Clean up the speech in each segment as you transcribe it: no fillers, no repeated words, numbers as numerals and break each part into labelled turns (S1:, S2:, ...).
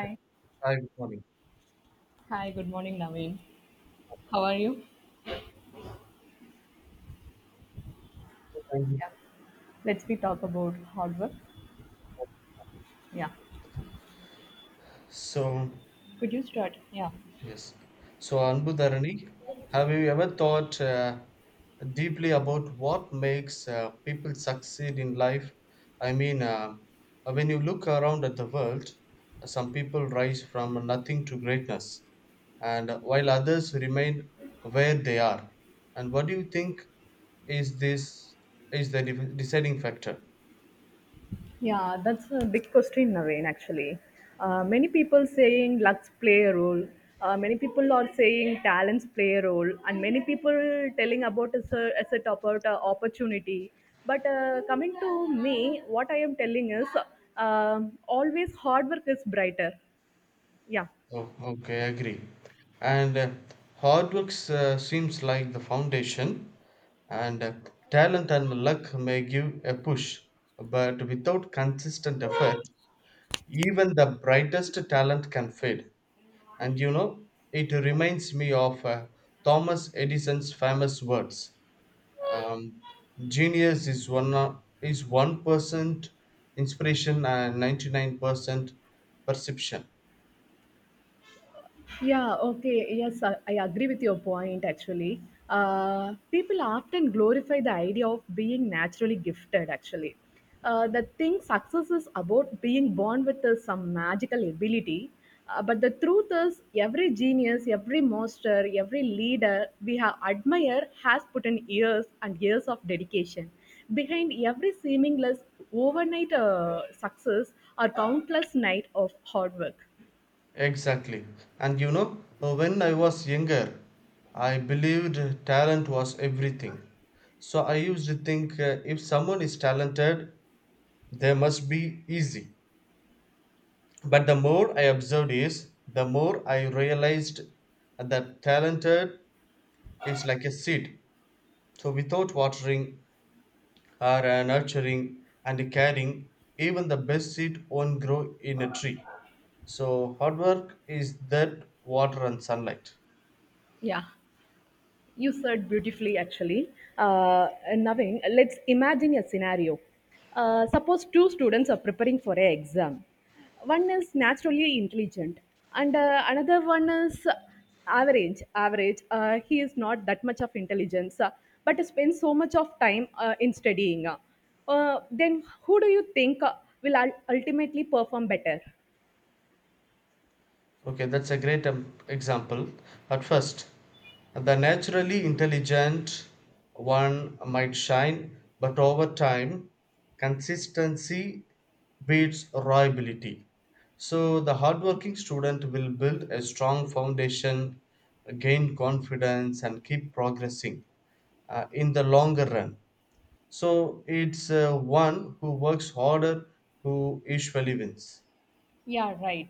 S1: Yeah, Hi, good morning.
S2: Hi, good morning, Naveen. How are you?
S1: Thank you.
S2: Yeah. Let's we talk about hard work. Yeah.
S1: So,
S2: Could you start? Yeah.
S1: yes. So, Anbudharani, have you ever thought deeply about what makes people succeed in life? I mean, when you look around at the world, some people rise from nothing to greatness, and while others remain where they are. And what do you think is this is the de- deciding factor?
S2: Yeah, that's a big question, Naveen, actually. Many people saying lucks play a role. Many people are saying talents play a role. And many people telling about a set about opportunity. But coming to me, what I am telling is always hard work is brighter. Yeah.
S1: Oh, okay, I agree. And hard work seems like the foundation, and talent and luck may give a push, but without consistent effort, even the brightest talent can fade. And you know, it reminds me of Thomas Edison's famous words. Um, Genius is 1% inspiration and 99% perception.
S2: Yeah, okay. Yes, I agree with your point actually. People often glorify the idea of being naturally gifted actually. The thing success is about being born with some magical ability. But the truth is, every genius, every monster, every leader we have admired has put in years and years of dedication. Behind every seamless overnight success are countless nights of hard work.
S1: Exactly. And you know, when I was younger, I believed talent was everything. So I used to think if someone is talented, they must be easy. But the more I observed is, the more I realized that talented is like a seed. So without watering or nurturing and caring, even the best seed won't grow in a tree. So hard work is that water and sunlight.
S2: Yeah. You said beautifully, actually. Naveen, let's imagine a scenario. Suppose two students are preparing for an exam. One is naturally intelligent, and another one is average. Average. He is not that much of intelligence, but spends so much of time in studying. Then, who do you think will ultimately perform better?
S1: Okay, that's a great example. At first, the naturally intelligent one might shine, but over time, consistency beats raw ability. So, the hardworking student will build a strong foundation, gain confidence, and keep progressing in the longer run. So, it's one who works harder who usually wins.
S2: Yeah, right.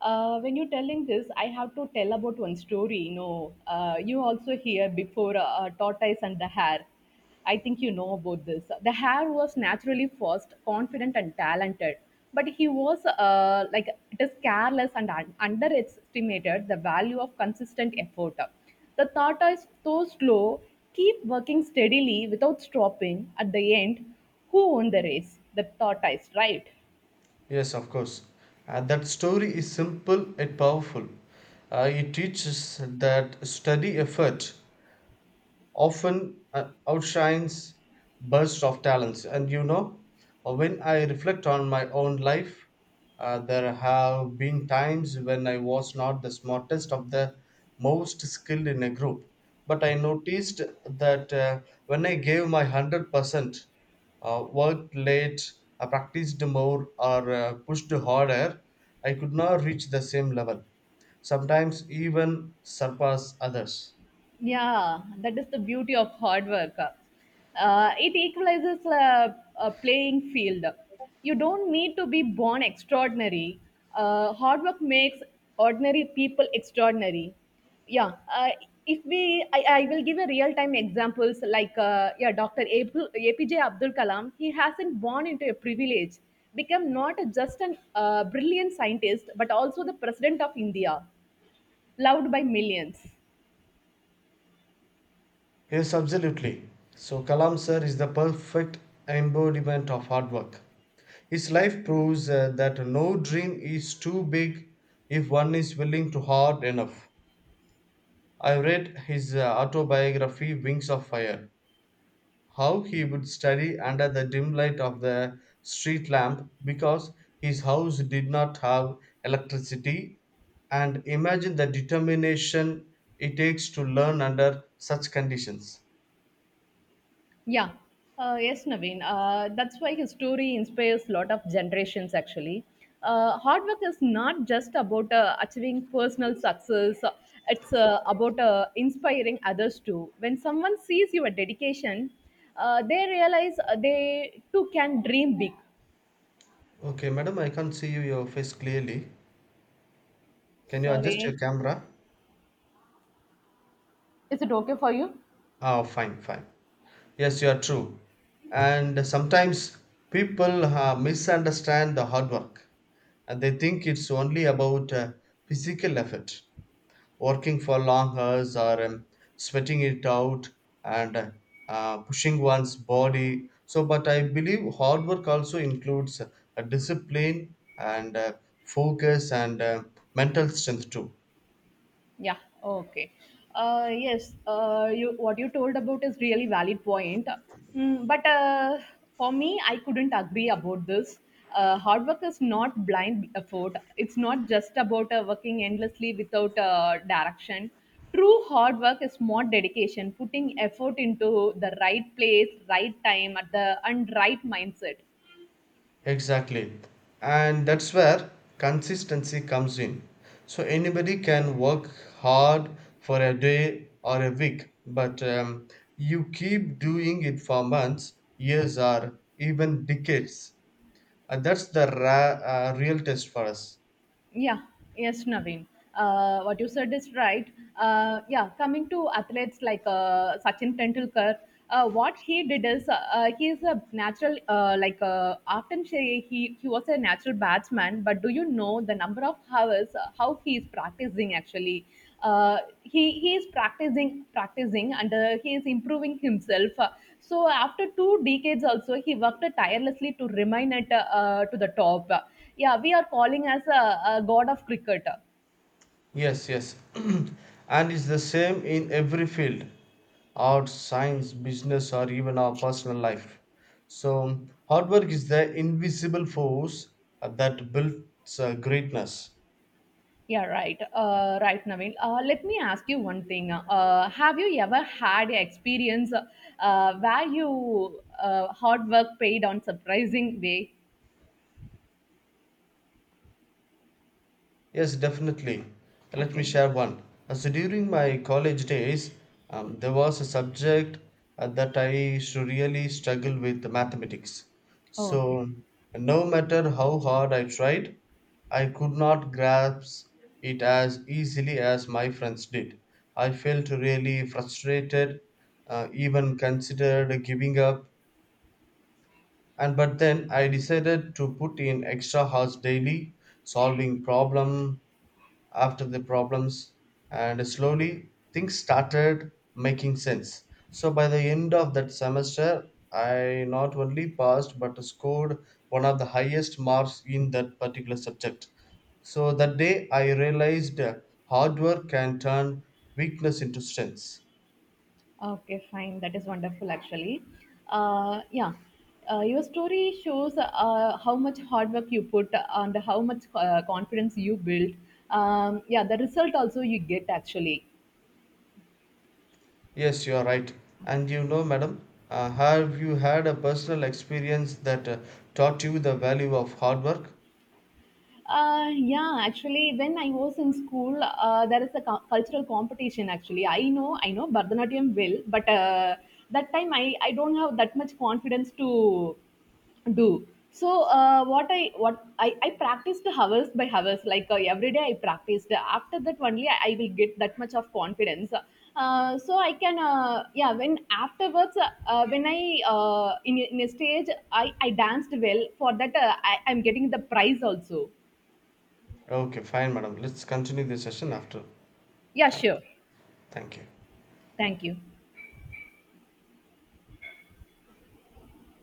S2: When you're telling this, I have to tell about one story. You know, you also hear before tortoise and the hare. I think you know about this. The hare was naturally fast, confident, and talented, but he was like it is careless and underestimated the value of consistent effort. The tortoise, though slow, keep working steadily without stopping. At the end, who won the race? The tortoise, right?
S1: Yes, of course. That story is simple and powerful. It teaches that steady effort often outshines bursts of talents. And you know, when I reflect on my own life, there have been times when I was not the smartest of the most skilled in a group. But I noticed that when I gave my 100%, worked late, I practiced more, or pushed harder, I could not reach the same level, sometimes even surpass others.
S2: Yeah, that is the beauty of hard work. It equalizes a playing field. You don't need to be born extraordinary. Hard work makes ordinary people extraordinary. Yeah, if we, I will give a real-time examples like yeah, Dr. APJ Abdul Kalam. He hasn't born into a privilege, become not just an brilliant scientist, but also the president of India, loved by millions.
S1: Yes, absolutely. So Kalam sir is the perfect embodiment of hard work. His life proves that no dream is too big if one is willing to hard enough. I read his autobiography Wings of Fire. How he would study under the dim light of the street lamp because his house did not have electricity and imagine the determination it takes to learn under such conditions.
S2: Yeah. Yes, Naveen. That's why his story inspires a lot of generations, actually. Hard work is not just about achieving personal success, it's about inspiring others too. When someone sees your dedication, they realize they too can dream big.
S1: Okay, madam, I can't see you, your face clearly. Can you adjust your
S2: Sorry.
S1: camera?
S2: Is it okay for you?
S1: Ah, fine, fine. Yes, you are true. And sometimes people misunderstand the hard work and they think it's only about physical effort, working for long hours or sweating it out and pushing one's body. So, but I believe hard work also includes a discipline and focus and mental strength too.
S2: Yeah, okay. What you told about is really valid point. Mm, but for me, I couldn't agree about this. Hard work is not blind effort. It's not just about working endlessly without direction. True hard work is more dedication, putting effort into the right place, right time, at the and right mindset.
S1: Exactly. And that's where consistency comes in. So anybody can work hard for a day or a week, but you keep doing it for months, years, or even decades. And that's the real test for us.
S2: Yeah, yes, Naveen. What you said is right. Yeah, coming to athletes like Sachin Tendulkar, what he did is he is a natural, like often say he was a natural batsman, but do you know the number of hours how he is practicing actually? He is practicing and he is improving himself. So after two decades also, he worked tirelessly to remain at to the top. Yeah, we are calling as a god of cricket.
S1: Yes, yes. And it's the same in every field, arts, science, business, or even our personal life. So, hard work is the invisible force that builds greatness.
S2: Yeah, right. Right, Naveen. Let me ask you one thing. Have you ever had an experience where you hard work paid on surprising way?
S1: Yes, definitely. Let me
S2: Okay.
S1: share one. So during my college days, there was a subject that I should really struggle with the mathematics.
S2: Okay.
S1: So no matter how hard I tried, I could not grasp it as easily as my friends did. I felt really frustrated, even considered giving up. And but then I decided to put in extra hours daily, solving problem after the problems, and slowly things started making sense. So by the end of that semester, I not only passed but scored one of the highest marks in that particular subject. So that day I realized hard work can turn weakness into strength.
S2: Okay, fine, that is wonderful actually. Yeah, your story shows how much hard work you put and how much confidence you built. Yeah, the result also you get actually.
S1: Yes, you are right. And you know, madam, have you had a personal experience that taught you the value of hard work?
S2: Yeah, actually, when I was in school, there is a cultural competition. Actually, I know Bharatanatyam will, but that time I don't have that much confidence to do. So I practiced hours by hours, like every day I practiced. After that only I will get that much of confidence. So I can yeah. When afterwards, when I in a stage I danced well. For that I am getting the prize also.
S1: Okay, fine, madam. Let's continue the session after
S2: Yeah,
S1: time.
S2: sure.
S1: Thank you.
S2: Thank you.